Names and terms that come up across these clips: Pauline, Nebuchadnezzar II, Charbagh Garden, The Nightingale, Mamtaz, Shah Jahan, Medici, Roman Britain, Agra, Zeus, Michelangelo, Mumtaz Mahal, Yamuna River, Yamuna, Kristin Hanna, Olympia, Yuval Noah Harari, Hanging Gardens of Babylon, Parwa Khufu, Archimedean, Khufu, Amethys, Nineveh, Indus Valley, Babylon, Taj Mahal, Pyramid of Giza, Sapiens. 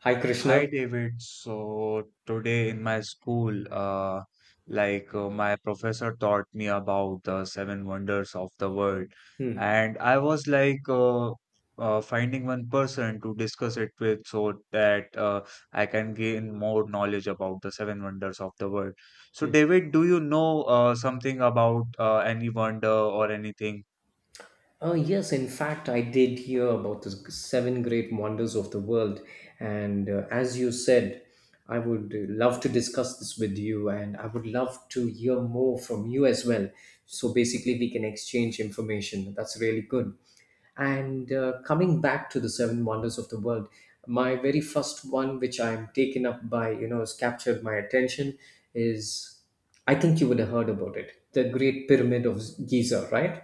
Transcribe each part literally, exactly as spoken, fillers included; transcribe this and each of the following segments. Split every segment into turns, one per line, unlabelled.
Hi, Krishna.
Hi David. So today in my school, uh, like uh, my professor taught me about the seven wonders of the world,
Hmm.
and I was like uh, uh, finding one person to discuss it with so that uh, I can gain more knowledge about the seven wonders of the world. So
Hmm.
David, do you know uh, something about uh, any wonder or anything?
Oh, yes, in fact, I did hear about the seven great wonders of the world. And uh, As you said, I would love to discuss this with you, and I would love to hear more from you as well. So basically, we can exchange information. That's really good. And uh, Coming back to the seven wonders of the world, my very first one, which I'm taken up by, you know, has captured my attention, is I think you would have heard about it, the Great Pyramid of Giza, right?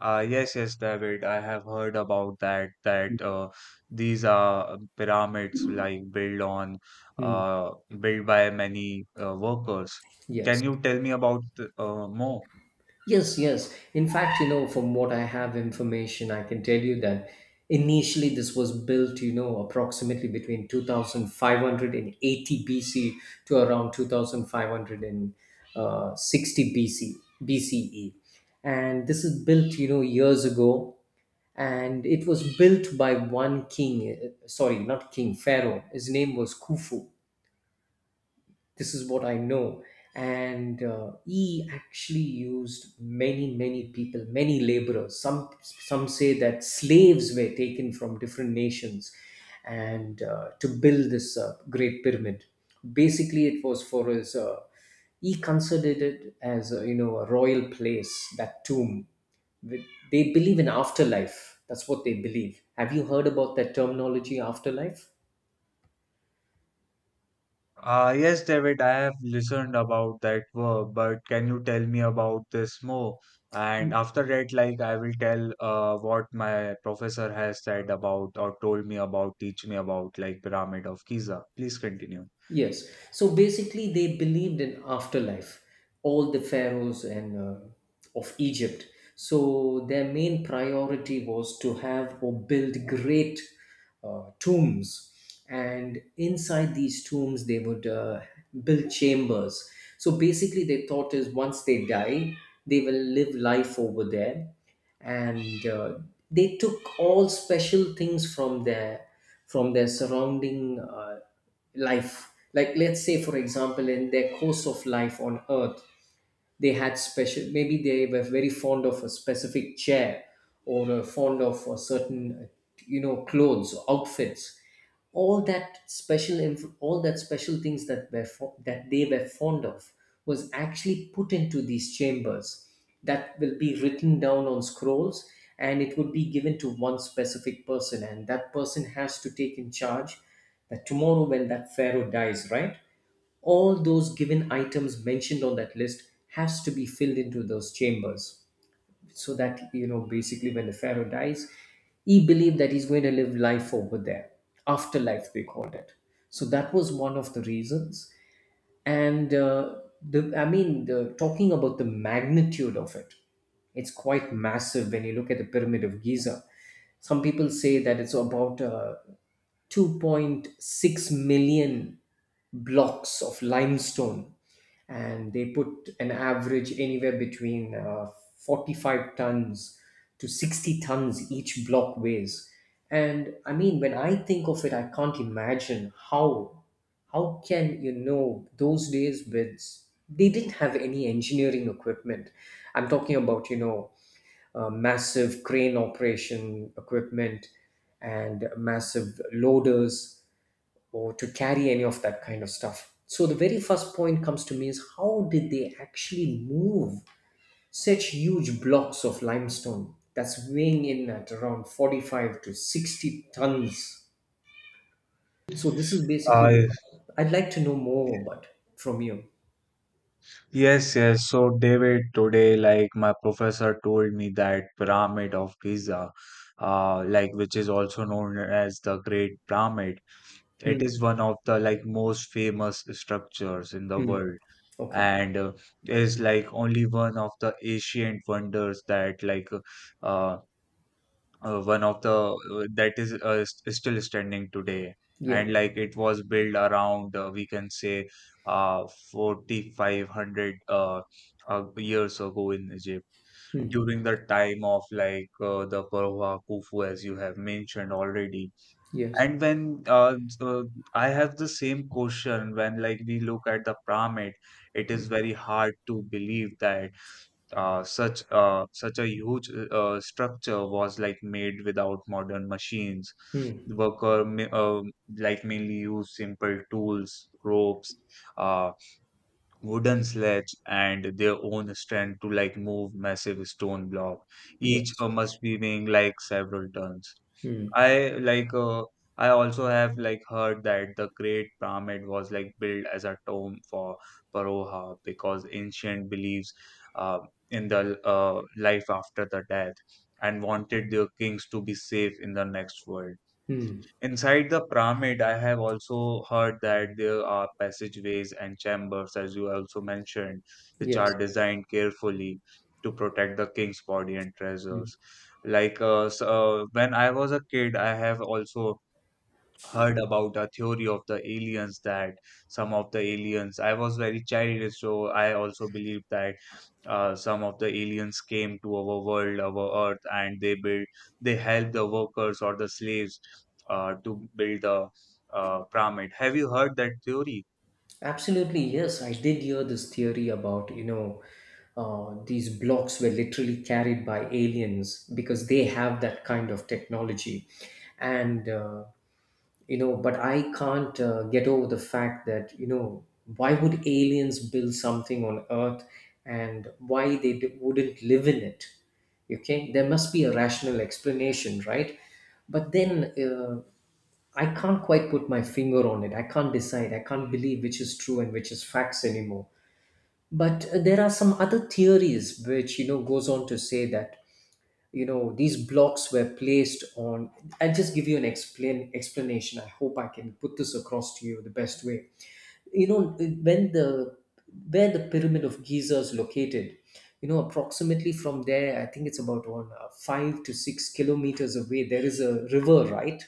Uh, yes, yes, David. I have heard about that. That uh, these are um, pyramids like built on,
Hmm.
uh, built by many uh, workers.
Yes.
Can you tell me about th- uh, more?
Yes, yes. In fact, you know, from what I have information, I can tell you that initially this was built, you know, approximately between two thousand five hundred eighty B C to around two thousand five hundred sixty B C, B C E. And this is built, you know, years ago. And it was built by one king, uh, sorry, not king, Pharaoh. His name was Khufu. This is what I know. And uh, he actually used many many people, many laborers. Some some say that slaves were taken from different nations and uh, to build this uh, great pyramid. Basically, it was for his uh, he considered it as a, you know, a royal place, that tomb. With- they believe in afterlife. That's what they believe. Have you heard about that terminology, afterlife?
Uh, yes, David. I have listened about that work, but can you tell me about this more? And after that, like I will tell uh, what my professor has said about or told me about, teach me about like Pyramid of Giza. Please continue.
Yes. So basically, they believed in afterlife, all the pharaohs and uh, of Egypt. So their main priority was to have or build great uh, tombs, and inside these tombs they would uh, build chambers. So basically, their thought is once they die, they will live life over there, and uh, they took all special things from their from their surrounding. Uh, life, like, let's say for example, in their course of life on earth, they had special, maybe they were very fond of a specific chair, or uh, fond of a certain, uh, you know, clothes, outfits. All that special inf- all that special things that were fo- that they were fond of was actually put into these chambers. That will be written down on scrolls, and it would be given to one specific person, and that person has to take in charge that tomorrow when that pharaoh dies, right, all those given items mentioned on that list has to be filled into those chambers, so that, you know, basically when the pharaoh dies, he believed that he's going to live life over there. Afterlife, they called it. So that was one of the reasons. And uh, the i mean the talking about the magnitude of it, it's quite massive when you look at the pyramid of Giza. Some people say that it's about uh, two point six million blocks of limestone, and they put an average anywhere between uh, forty-five tons to sixty tons each block weighs. And I mean, when I think of it, I can't imagine how how can, you know, those days, with they didn't have any engineering equipment. I'm talking about, you know, uh, massive crane operation equipment and massive loaders or to carry any of that kind of stuff. So the very first point comes to me is how did they actually move such huge blocks of limestone that's weighing in at around forty-five to sixty tons? So this is basically what
Uh,
I'd like to know more about from you.
Yes, yes. So, David, today, like my professor told me that pyramid of Giza, uh, like which is also known as the Great Pyramid,
Hmm.
it is one of the like most famous structures in the
Hmm.
world,
Okay.
and uh, is like only one of the ancient wonders that like uh, uh, one of the uh, that is uh, s- still standing today,
Yeah.
and like it was built around uh, we can say uh forty-five hundred uh, uh, years ago in Egypt
Hmm.
during the time of like uh, the Parwa Khufu as you have mentioned already.
Yes.
And when uh, so I have the same question: when like we look at the pyramid, it is very hard to believe that uh, such uh, such a huge uh, structure was like made without modern machines.
Hmm.
The worker ma- uh, like mainly used simple tools, ropes, uh, wooden sledge, and their own strength to like move massive stone block. Each
Yes.
uh, must be weighing like several tons.
Hmm.
I like uh, I also have like heard that the Great Pyramid was like built as a tomb for Paroha because ancient beliefs uh, in the uh, life after the death, and wanted their kings to be safe in the next world.
Hmm.
Inside the pyramid, I have also heard that there are passageways and chambers, as you also mentioned, which
Yes.
are designed carefully to protect the king's body and
Hmm.
treasures. Like uh, s- uh, when I was a kid, I have also heard about a theory of the aliens, that some of the aliens, I was very childish, so I also believe that uh, some of the aliens came to our world, our earth, and they build, they help the workers or the slaves uh, to build the uh, pyramid. Have you heard that theory?
Absolutely, yes. I did hear this theory about, you know, uh, these blocks were literally carried by aliens because they have that kind of technology. And uh, You know, but i can't uh, get over the fact that, you know, why would aliens build something on earth, and why they d- wouldn't live in it? Okay, there must be a rational explanation, right? But then uh, I can't quite put my finger on it. I can't decide, I can't believe which is true and which is facts anymore. But uh, there are some other theories which, you know, goes on to say that, you know, these blocks were placed on, I'll just give you an explain explanation. I hope I can put this across to you the best way. You know, when the where the pyramid of Giza is located, you know, approximately from there, I think it's about on uh, five to six kilometers away there is a river, right?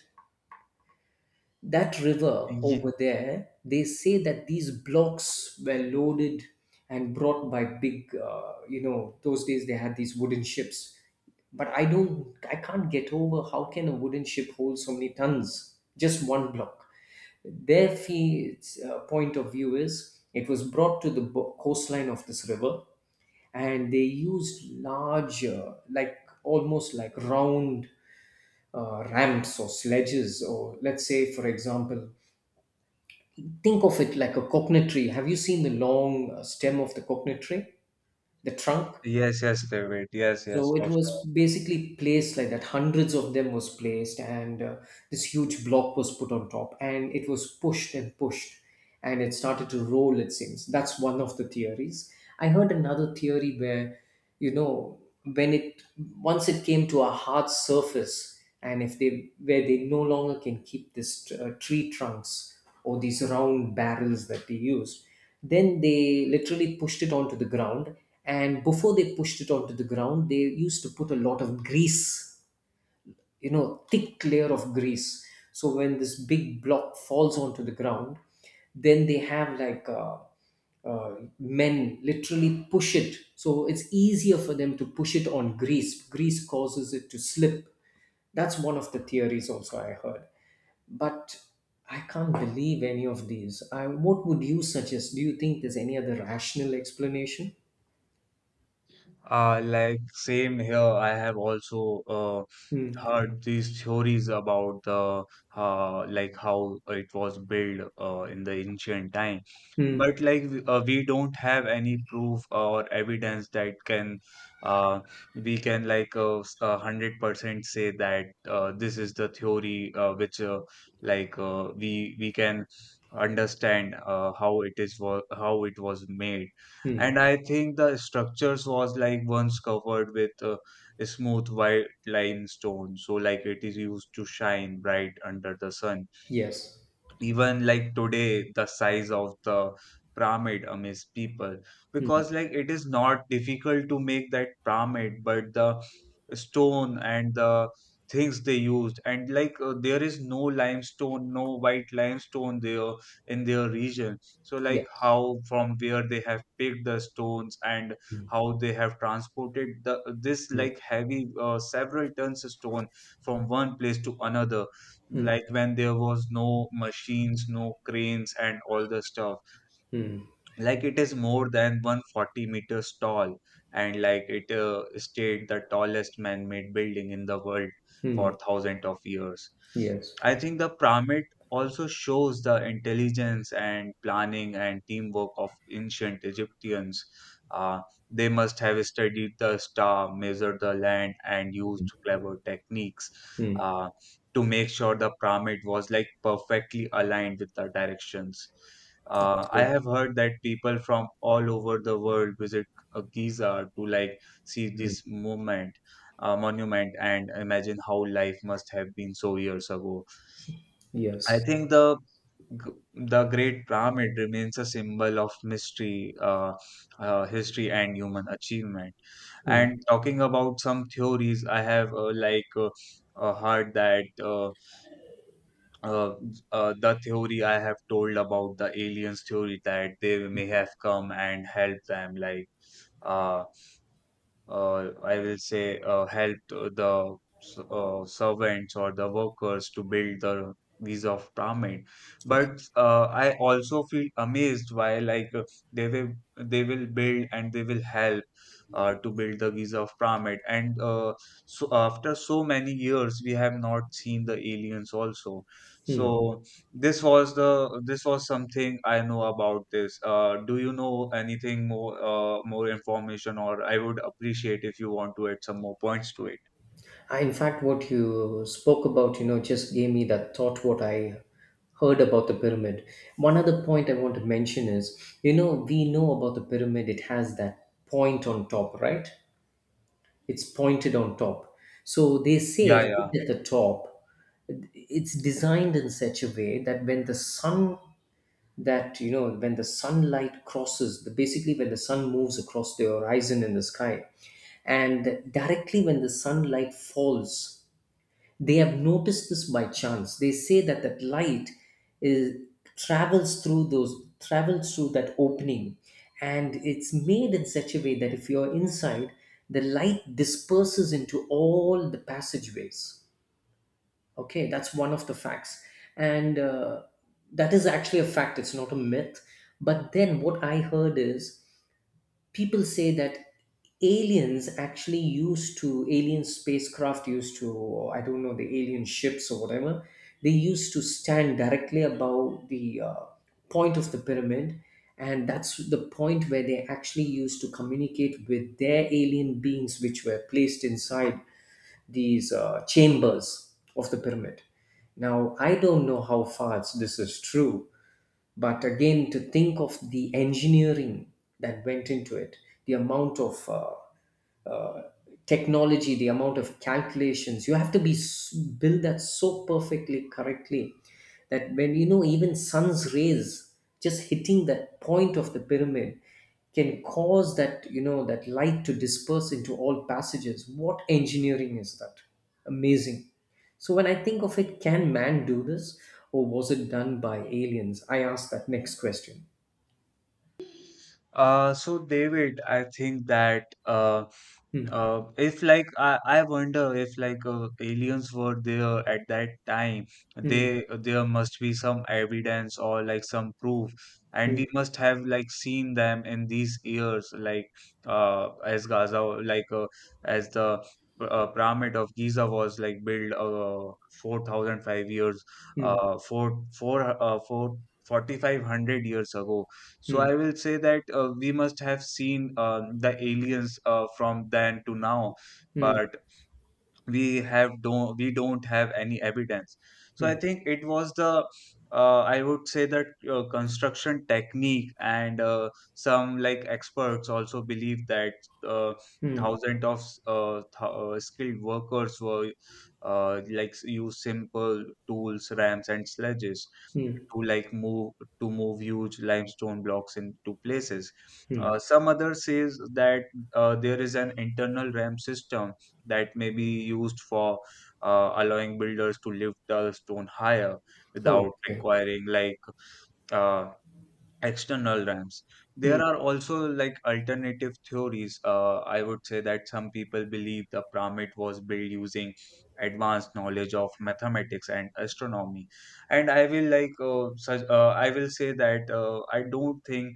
That river over
Ye-
there, they say that these blocks were loaded and brought by big, uh, you know, those days they had these wooden ships. But I don't, I can't get over how can a wooden ship hold so many tons? Just one block. Their fee, uh, point of view is it was brought to the bo- coastline of this river, and they used large, uh, like almost like round uh, ramps or sledges, or let's say, for example, think of it like a coconut tree. Have you seen the long uh, stem of the coconut tree, the trunk?
yes yes David, yes, yes,
So it
for
was
sure.
basically placed like that. Hundreds of them was placed, and uh, this huge block was put on top, and it was pushed and pushed, and it started to roll. It seems that's one of the theories. I heard another theory where, you know, when it once it came to a hard surface, and if they where they no longer can keep this uh, tree trunks or these round barrels that they used, then they literally pushed it onto the ground. And before they pushed it onto the ground, they used to put a lot of grease, you know, thick layer of grease. So when this big block falls onto the ground, then they have like, uh, uh, men literally push it, so it's easier for them to push it on grease. Grease causes it to slip. That's one of the theories also I heard. But I can't believe any of these. I, what would you suggest? Do you think there's any other rational explanation?
Uh, like same here. I have also uh,
Hmm.
heard these theories about the uh, like how it was built uh, in the ancient time.
Hmm.
But like w- uh, we don't have any proof or evidence that can uh, we can like uh, s- a hundred percent say that uh, this is the theory uh, which uh, like uh, we we can understand uh, how it is wa- how it was made.
Hmm.
And I think the structures was like once covered with uh, a smooth white limestone, so like it is used to shine bright under the sun.
Yes.
Even like today, the size of the pyramid amaze people,
Hmm.
because like it is not difficult to make that pyramid, but the stone and the things they used, and like uh, there is no limestone, no white limestone there in their region. So like
Yes.
how, from where they have picked the stones, and how they have transported the this like heavy uh, several tons of stone from one place to another,
Hmm.
like when there was no machines, no cranes and all the stuff.
Hmm.
Like it is more than one hundred forty meters tall, and like it uh, stayed the tallest man-made building in the world for
Hmm.
thousands of years.
Yes.
I think the pyramid also shows the intelligence and planning and teamwork of ancient Egyptians. uh, they must have studied the star, measured the land and used clever techniques
Hmm.
uh, to make sure the pyramid was like perfectly aligned with the directions. uh, I
Absolutely.
have heard that people from all over the world visit uh, Giza to like see
Hmm.
this movement, uh, monument, and imagine how life must have been so years ago. I
Yes.
think the g- the Great Pyramid remains a symbol of mystery, uh, uh, history, and human achievement.
Hmm.
And talking about some theories, I have uh, like uh, uh, heard that. Uh, uh, uh, the theory I have told about the aliens theory, that they may have come and helped them, like uh, uh, I will say, uh, helped the s- uh, servants or the workers to build the these of pyramid.
Okay.
But uh, I also feel amazed why like uh, they will they will build and they will help, uh, to build the Giza of pyramid. And uh, so after so many years, we have not seen the aliens also.
Hmm.
So this was the this was something I know about this. Uh, do you know anything more uh, more information? Or I would appreciate if you want to add some more points to it.
I, in fact, what you spoke about, you know, just gave me that thought. What I heard about the pyramid. One other point I want to mention is, you know, we know about the pyramid. It has that point on top, right? It's pointed on top. So they say
Yeah, yeah.
right at the top, it's designed in such a way that when the sun, that, you know, when the sunlight crosses the, basically, when the sun moves across the horizon in the sky, and directly when the sunlight falls, they have noticed this by chance. They say that that light is travels through those, travels through that opening, and it's made in such a way that if you're inside, the light disperses into all the passageways. Okay, that's one of the facts, and uh, that is actually a fact. It's not a myth. But then what I heard is people say that aliens actually used to, alien spacecraft used to, or I don't know, the alien ships or whatever, they used to stand directly above the uh, point of the pyramid, and that's the point where they actually used to communicate with their alien beings which were placed inside these uh, chambers of the pyramid. Now I don't know how far it's- this is true. But again, to think of the engineering that went into it, the amount of uh, uh, technology, the amount of calculations you have to be s- build that so perfectly correctly, that when, you know, even sun's rays just hitting that point of the pyramid can cause that, you know, that light to disperse into all passages, what engineering is that? Amazing. So when I think of it, can man do this, or was it done by aliens? I ask that next question.
Uh, so David, I think that uh,
Hmm,
Uh, if like I, I wonder if like uh, aliens were there at that time,
hmm,
they, there must be some evidence or like some proof, and we
hmm,
must have like seen them in these years, like uh, as Gaza, like uh, as the uh, pyramid of Giza was like built uh, four thousand five years,
hmm,
uh, four four uh, four forty five hundred years ago. So
hmm,
I will say that uh, we must have seen uh, the aliens uh, from then to now.
hmm,
But we have don't we don't have any evidence. So I
hmm,
think it was the uh, I would say that uh, construction technique. And uh, some like experts also believe that uh,
hmm,
thousands of uh, th- uh, skilled workers were uh, like use simple tools, ramps and sledges
hmm,
to like move to move huge limestone blocks into places.
hmm.
Uh, some others says that uh, there is an internal RAM system that may be used for uh, allowing builders to lift the stone higher
Oh,
without
okay.
requiring like uh, external rams.
Mm,
There are also like alternative theories. uh, I would say that some people believe the pyramid was built using advanced knowledge of mathematics and astronomy. And i will like uh, such, uh, i will say that uh, I don't think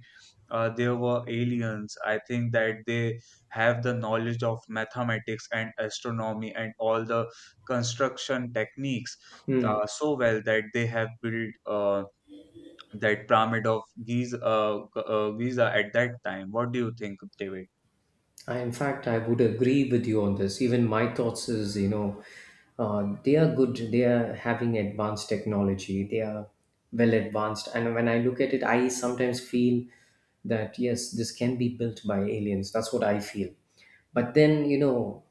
uh, there were aliens. I think that they have the knowledge of mathematics and astronomy and all the construction techniques
mm.
uh, so well, that they have built uh, that pyramid of Giza, uh, G- uh, Giza at that time. What do you think, David?
I, in fact, I would agree with you on this. Even my thoughts is, you know, uh, they are good. They are having advanced technology. They are well advanced. And when I look at it, I sometimes feel that yes, this can be built by aliens. That's what I feel. But then, you know,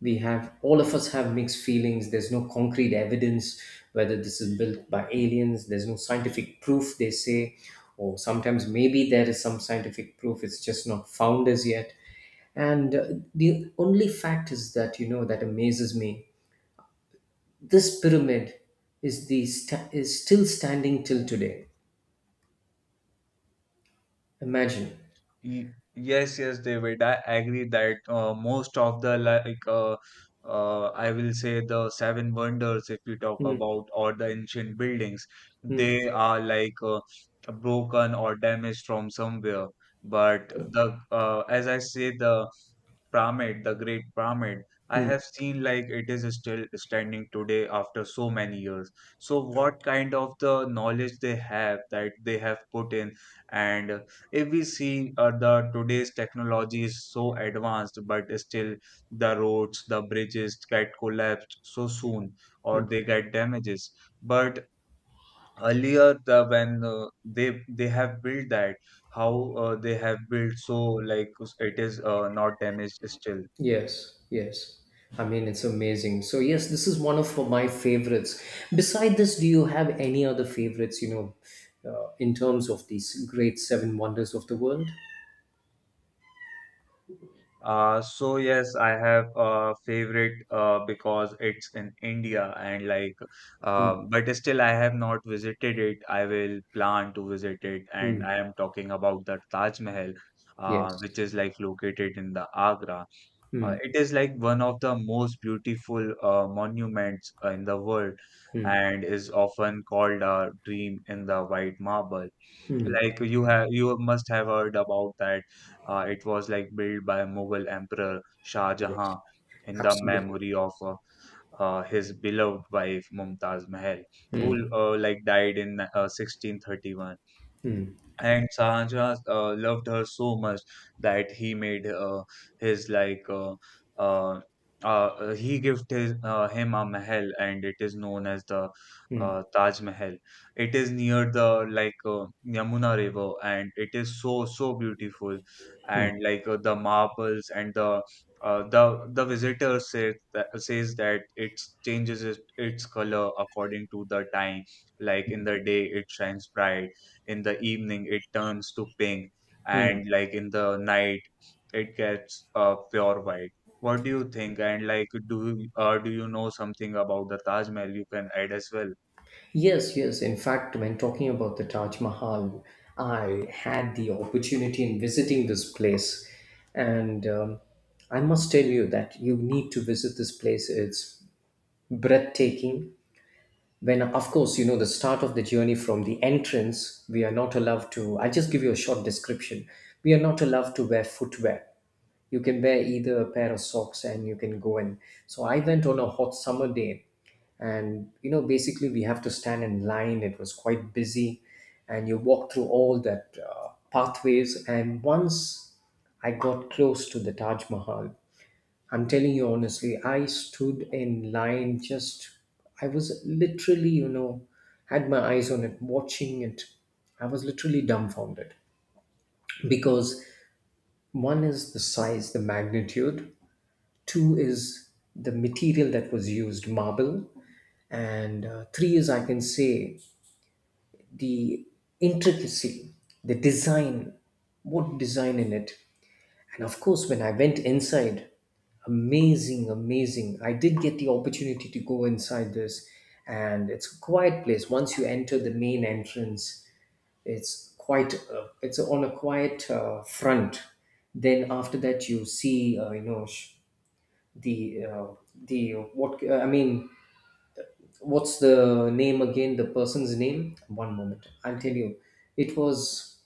we have, all of us have mixed feelings. There's no concrete evidence whether this is built by aliens. There's no scientific proof, they say, or sometimes maybe there is some scientific proof, it's just not found as yet. And uh, The only fact is that, you know, that amazes me, this pyramid is the sta- is still standing till today. Imagine.
Y- yes, yes, David. I agree that uh, most of the like uh, uh, I will say the seven wonders, if we talk
Hmm,
about, or the ancient buildings,
hmm,
they are like uh, broken or damaged from somewhere. But the uh, as I say, the Pyramid, the Great Pyramid, I
hmm.
have seen like it is still standing today after so many years. So what kind of the knowledge they have, that they have put in. And uh, if we see uh, the today's technology is so advanced, but still the roads, the bridges get collapsed so soon, or they get damages. But earlier, the when uh, they they have built that, how uh, they have built so like it is uh, not damaged still.
Yes, yes. I mean, it's amazing. So, yes, this is one of my favorites. Beside this, do you have any other favorites, you know, uh, in terms of these great seven wonders of the world?
Uh, so yes, I have a favorite uh, because it's in India, and like,
Mm,
uh, but still I have not visited it. I will plan to visit it, and
mm,
I am talking about the Taj Mahal, uh,
yes.
which is like located in the Agra. Uh,
Mm,
it is like one of the most beautiful uh, monuments uh, in the world, and is often called a dream in the white marble. Like you have, you must have heard about that. Uh, it was like built by Mughal Emperor Shah
yes.
Jahan in the
Absolutely.
memory of uh, uh, his beloved wife Mumtaz Mahal, who uh, like died in uh, sixteen thirty-one.
Mm,
And Shahjahan uh, loved her so much that he made uh, his like uh, uh, uh, he gifted his, uh, him a mahal, and it is known as the
mm,
uh, Taj Mahal. It is near the like uh, Yamuna River, and it is so so beautiful,
mm,
and like uh, the marbles and the. Uh, the the visitor says that, says that it changes it, its color according to the time. Like in the day, it shines bright, in the evening it turns to pink,
mm.
and like in the night it gets uh, pure white. What do you think? And like do you- uh, do you know something about the Taj Mahal you can add as well?
Yes, yes. In fact, when talking about the Taj Mahal, I had the opportunity in visiting this place. And um, I must tell you that you need to visit this place. It's breathtaking. When of course, you know, the start of the journey from the entrance, we are not allowed to, I just give you a short description. We are not allowed to wear footwear. You can wear either a pair of socks and you can go in. So I went on a hot summer day, and you know, basically we have to stand in line. It was quite busy, and you walk through all that uh, pathways, and once I got close to the Taj Mahal, I'm telling you honestly, I stood in line just, I was literally, you know, had my eyes on it, watching it. I was literally dumbfounded because one is the size, the magnitude, two is the material that was used, marble, and uh, three is, I can say, the intricacy, the design, what design in it. And of course, when I went inside, amazing, amazing. I did get the opportunity to go inside this, and it's a quiet place. Once you enter the main entrance, it's quite uh, it's on a quiet uh, front. Then after that, you see uh, you know sh- the uh, the what I mean. What's the name again? The person's name? One moment, I'll tell you. It was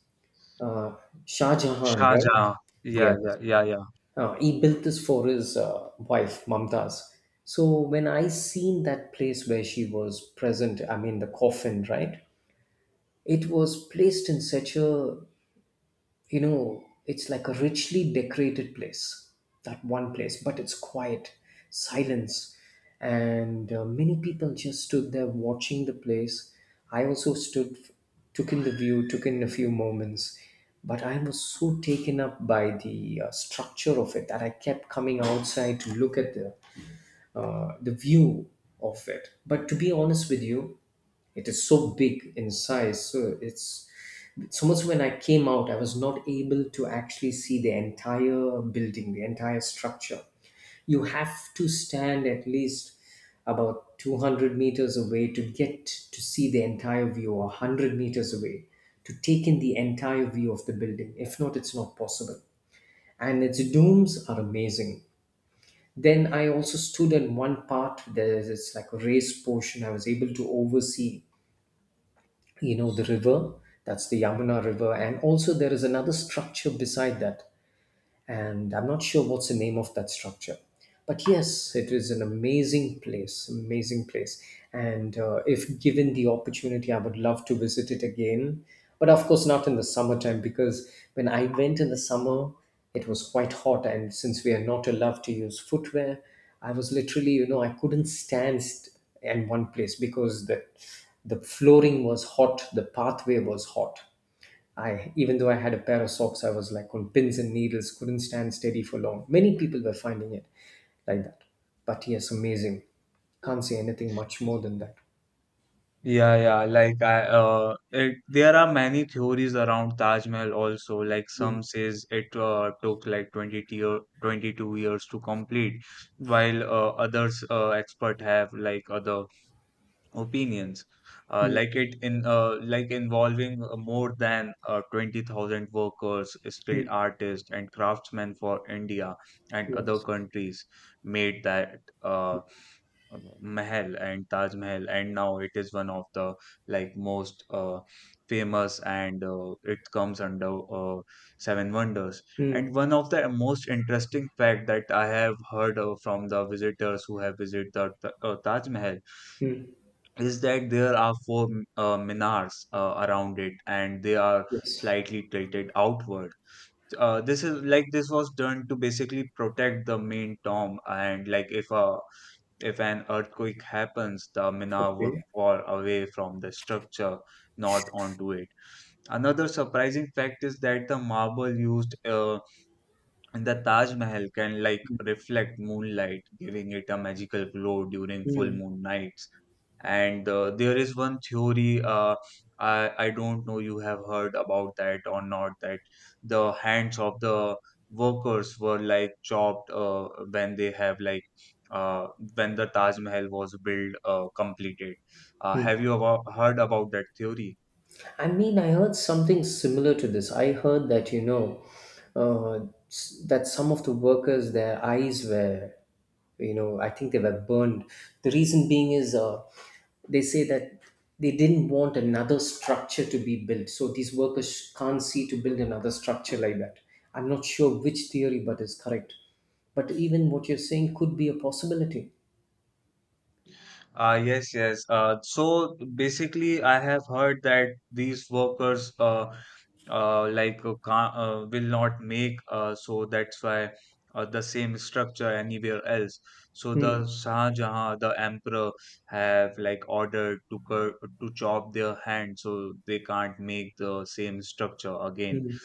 uh, Shah Jahan,
Shah
right?
Jahan, yeah,
Yes.
yeah, yeah.
Uh, he built this for his uh, wife Mamtaz. So when I seen that place where she was present, I mean the coffin, right? It was placed in such a, you know, it's like a richly decorated place, that one place, but it's quiet, silence. And uh, many people just stood there watching the place. I also stood, took in the view, took in a few moments. But I was so taken up by the uh, structure of it that I kept coming outside to look at the uh, the view of it. But to be honest with you, it is so big in size. So it's so much, when I came out, I was not able to actually see the entire building, the entire structure. You have to stand at least about two hundred meters away to get to see the entire view, or one hundred meters away to take in the entire view of the building. If not, it's not possible. And its domes are amazing. Then I also stood in one part. There's, it's like a raised portion. I was able to oversee, you know, the river. That's the Yamuna River, and also there is another structure beside that, and I'm not sure what's the name of that structure. But yes, it is an amazing place, amazing place. And uh, if given the opportunity, I would love to visit it again. But of course, not in the summertime, because when I went in the summer, it was quite hot. And since we are not allowed to use footwear, I was literally, you know, I couldn't stand st- in one place because the the flooring was hot, the pathway was hot. I, even though I had a pair of socks, I was like on pins and needles, couldn't stand steady for long. Many people were finding it like that. But yes, amazing. Can't say anything much
Yeah,
more than that.
yeah, yeah. Like I, uh, it, there are many theories around Taj Mahal also. Like
Mm,
some says it uh, took like twenty year, twenty-two years to complete, while uh, others uh, expert have like other opinions, uh,
mm,
like it in uh, like involving uh, more than uh, twenty thousand workers,
mm,
skilled artists and craftsmen for India and other
yes.
countries made that uh, Mahal and Taj Mahal. And now it is one of the like most uh, famous, and uh, it comes under uh, seven wonders.
Mm,
And one of the most interesting fact that I have heard uh, from the visitors who have visited the Ta- uh, Taj Mahal
mm,
is that there are four uh, minars uh, around it, and they are
yes.
slightly tilted outward. Uh, this is like This was done to basically protect the main tomb, and like if a if an earthquake happens, the minar would
Okay.
fall away from the structure, not onto it. Another surprising fact is that the marble used uh, in the Taj Mahal can like reflect moonlight, giving it a magical glow during full
Mm.
moon nights. And uh, there is one theory. uh, I, I don't know you have heard about that or not, that the hands of the workers were like chopped uh, when they have like uh, when the Taj Mahal was built uh, completed. Uh, have you abo- heard about that theory?
I mean, I heard something similar to this. I heard that, you know, uh, s- that some of the workers, their eyes were, you know, I think they were burned. The reason being is uh, they say that they didn't want another structure to be built. So these workers can't see to build another structure like that. I'm not sure which theory, but it's correct. But even what you're saying could be a possibility.
Uh, yes, yes. Uh, so basically, I have heard that these workers, uh, uh, like uh, ca- uh, will not make Uh, so that's why uh, the same structure anywhere else. So
Hmm.
the Shah Jahan, the emperor, have like ordered to cur to chop their hand, so they can't make the same structure again.
Hmm.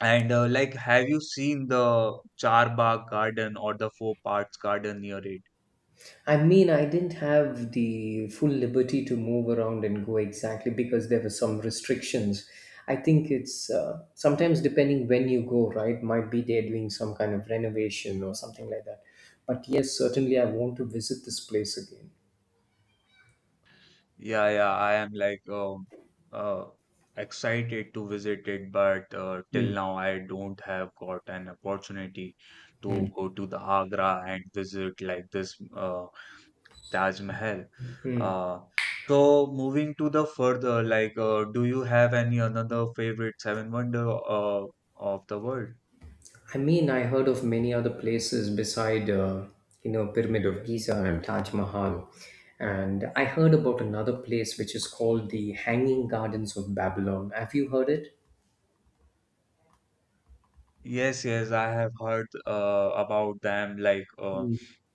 And uh, like, have you seen the Charbagh Garden or the Four Parts Garden near it?
I mean, I didn't have the full liberty to move around and go exactly because there were some restrictions. I think it's uh, sometimes depending when you go, right? Might be they're doing some kind of renovation or something like that. But yes, certainly I want to visit this place again.
Yeah, yeah, I am like um uh excited to visit it, but uh, till
Mm.
now I don't have got an opportunity to
Mm.
go to the Agra and visit like this uh Taj Mahal. Uh, so moving to the further, like, uh, do you have any another favorite seven wonder uh of the world?
I mean, I heard of many other places beside, uh, you know, Pyramid of Giza and Taj Mahal. And I heard about another place which is called the Hanging Gardens of Babylon. Have you heard it?
Yes, yes, I have heard uh, about them. Like, uh,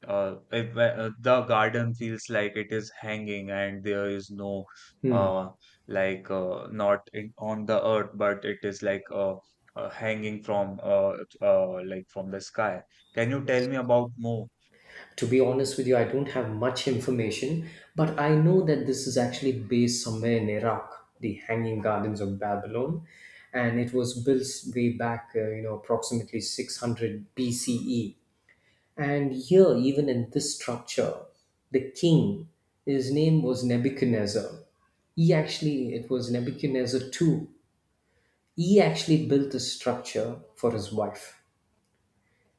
uh, if, uh, the garden feels like it is hanging, and there is no,
Hmm.
uh, like, uh, not in, on the earth, but it is like uh, uh, hanging from, uh, uh, like from the sky. Can you tell me about more?
To be honest with you, I don't have much information, but I know that this is actually based somewhere in Iraq, the Hanging Gardens of Babylon, and it was built way back, uh, you know, approximately six hundred B C E. And here, even in this structure, the king, his name was Nebuchadnezzar. He actually, it was Nebuchadnezzar two. He actually built this structure for his wife.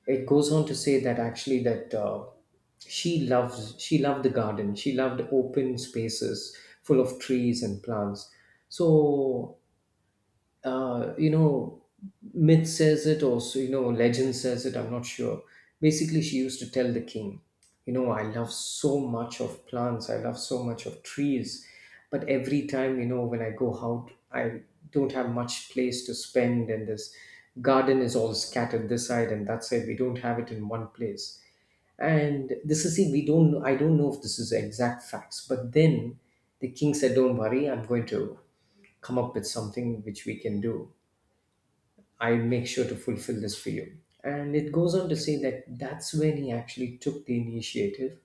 It goes on to say that actually that uh, she loves she loved the garden, she loved open spaces full of trees and plants. So uh, you know, myth says it also, you know, legend says it, I'm not sure. Basically, she used to tell the king, you know, I love so much of plants, I love so much of trees, but every time, you know, when I go out, I don't have much place to spend, and this garden is all scattered this side and that side. We don't have it in one place. And this is, see, we don't know, I don't know if this is exact facts, but then the king said, don't worry, I'm going to come up with something which we can do. I'll make sure to fulfill this for you. And it goes on to say that that's when he actually took the initiative.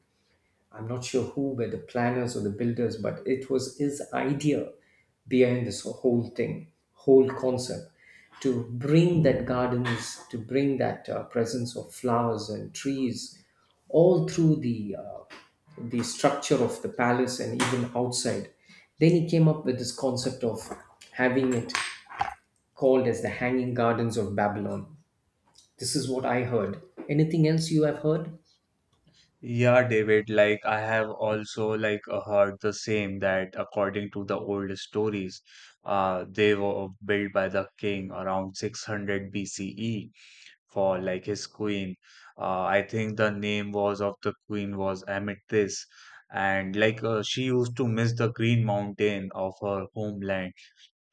I'm not sure who were the planners or the builders, but it was his idea behind this whole thing, whole concept, to bring that gardens, to bring that uh, presence of flowers and trees all through the uh, the structure of the palace and even outside. Then he came up with this concept of having it called as the Hanging Gardens of Babylon. This is what I heard. Anything else you have heard?
Yeah, David, like I have also like uh, heard the same, that according to the old stories, uh, they were built by the king around six hundred B C E for like his queen. Uh, I think the name was of the queen was Amethys, and like uh, she used to miss the green mountain of her homeland,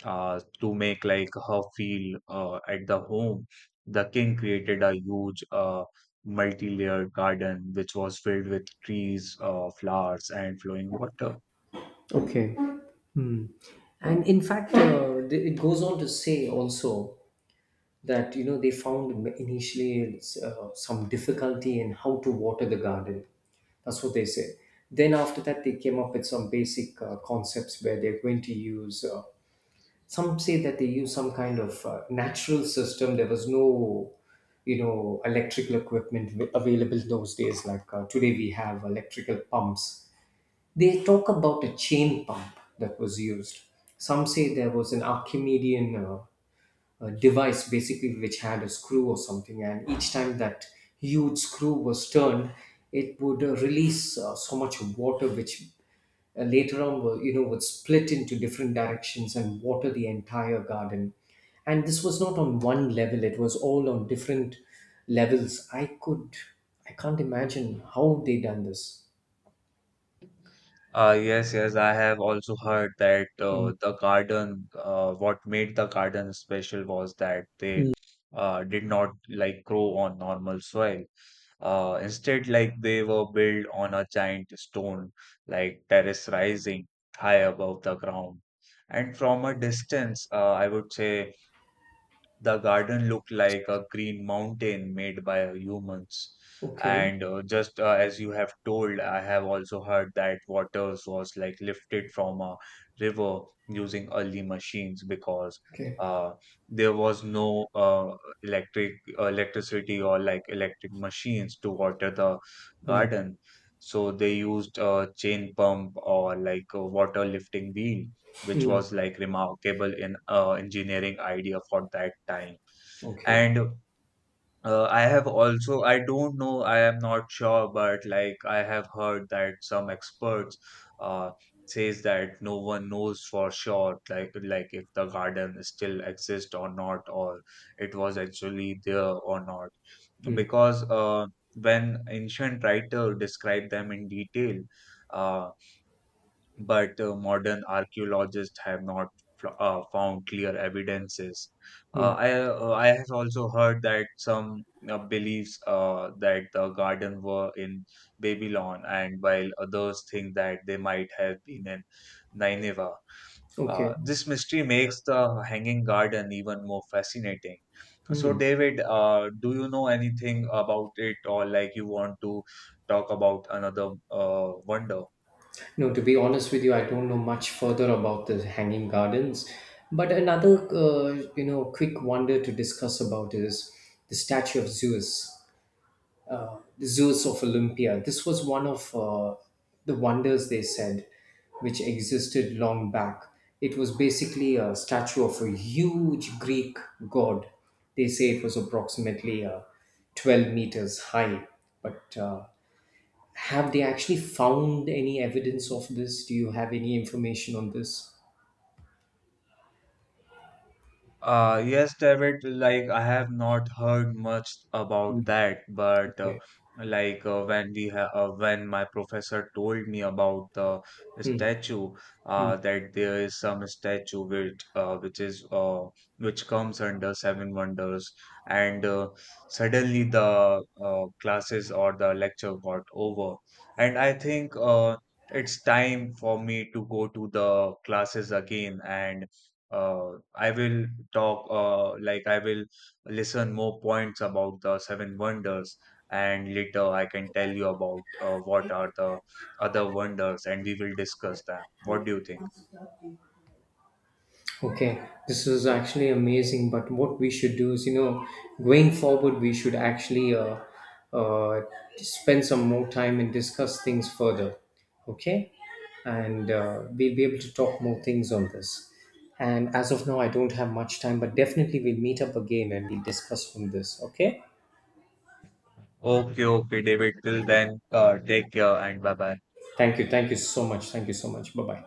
uh, to make like her feel uh, at the home, the king created a huge uh, multi-layered garden which was filled with trees, uh, flowers, and flowing water.
Okay. And in fact, uh, th- it goes on to say also that, you know, they found initially uh, some difficulty in how to water the garden. That's what they say. Then after that, they came up with some basic uh, concepts where they're going to use. Uh, some say that they use some kind of uh, natural system. There was no, you know, electrical equipment w- available in those days. Like uh, today, we have electrical pumps. They talk about a chain pump that was used. Some say there was an Archimedean uh, uh, device, basically, which had a screw or something, and each time that huge screw was turned, it would uh, release uh, so much water, which uh, later on, were, you know, would split into different directions and water the entire garden. And this was not on one level; it was all on different levels. I could, I can't imagine how they done this.
Uh, yes, yes, I have also heard that
Mm.
uh, the garden, uh, what made the garden special was that they uh, did not like grow on normal soil. Uh, instead, like they were built on a giant stone, like terrace rising high above the ground. And from a distance, uh, I would say the garden looked like a green mountain made by humans.
Okay.
And uh, just uh, as you have told, I have also heard that water was like lifted from a river using early machines, because
Okay.
uh, there was no uh, electric uh, electricity or like electric machines to water the
Hmm.
garden. So they used a chain pump or like a water lifting wheel, which
Mm,
was like remarkable in uh, engineering idea for that time.
okay.
And uh, I have also, I don't know, I am not sure, but like I have heard that some experts uh, says that no one knows for sure, like like if the garden still exists or not, or it was actually there or not,
Mm,
because uh, when ancient writer described them in detail. Uh, but uh, modern archaeologists have not fl- uh, found clear evidences. Uh,
mm,
I uh, I have also heard that some uh, believes uh, that the garden were in Babylon, and while others think that they might have been in Nineveh.
okay.
Uh, this mystery makes the hanging garden even more fascinating. So, David, uh, do you know anything about it, or like you want to talk about another uh, wonder?
No, to be honest with you, I don't know much further about the hanging gardens. But another, uh, you know, quick wonder to discuss about is the statue of Zeus, uh, the Zeus of Olympia. This was one of uh, the wonders they said, which existed long back. It was basically a statue of a huge Greek god. They say it was approximately uh, twelve meters high, but uh, have they actually found any evidence of this? Do you have any information on this?
Uh, yes, David, like I have not heard much about
Mm,
that, but uh,
okay.
like uh, when we ha uh, when my professor told me about the
Hmm,
statue,
hmm.
uh, that there is some statue which uh, which is uh, which comes under Seven Wonders, and uh, suddenly the uh, classes or the lecture got over, and I think uh, it's time for me to go to the classes again, and uh, I will talk uh, like I will listen more points about the seven wonders, and later I can tell you about uh, what are the other wonders, and we will discuss them. What do you think?
Okay, this is actually amazing. But what we should do is, you know, going forward, we should actually uh, uh, spend some more time and discuss things further. Okay, and uh, we'll be able to talk more things on this. And as of now, I don't have much time, but definitely we'll meet up again and we'll discuss from this. Okay.
Okay, okay, David. Till then, uh, take care and bye bye.
Thank you. Thank you so much. Thank you so much. Bye bye.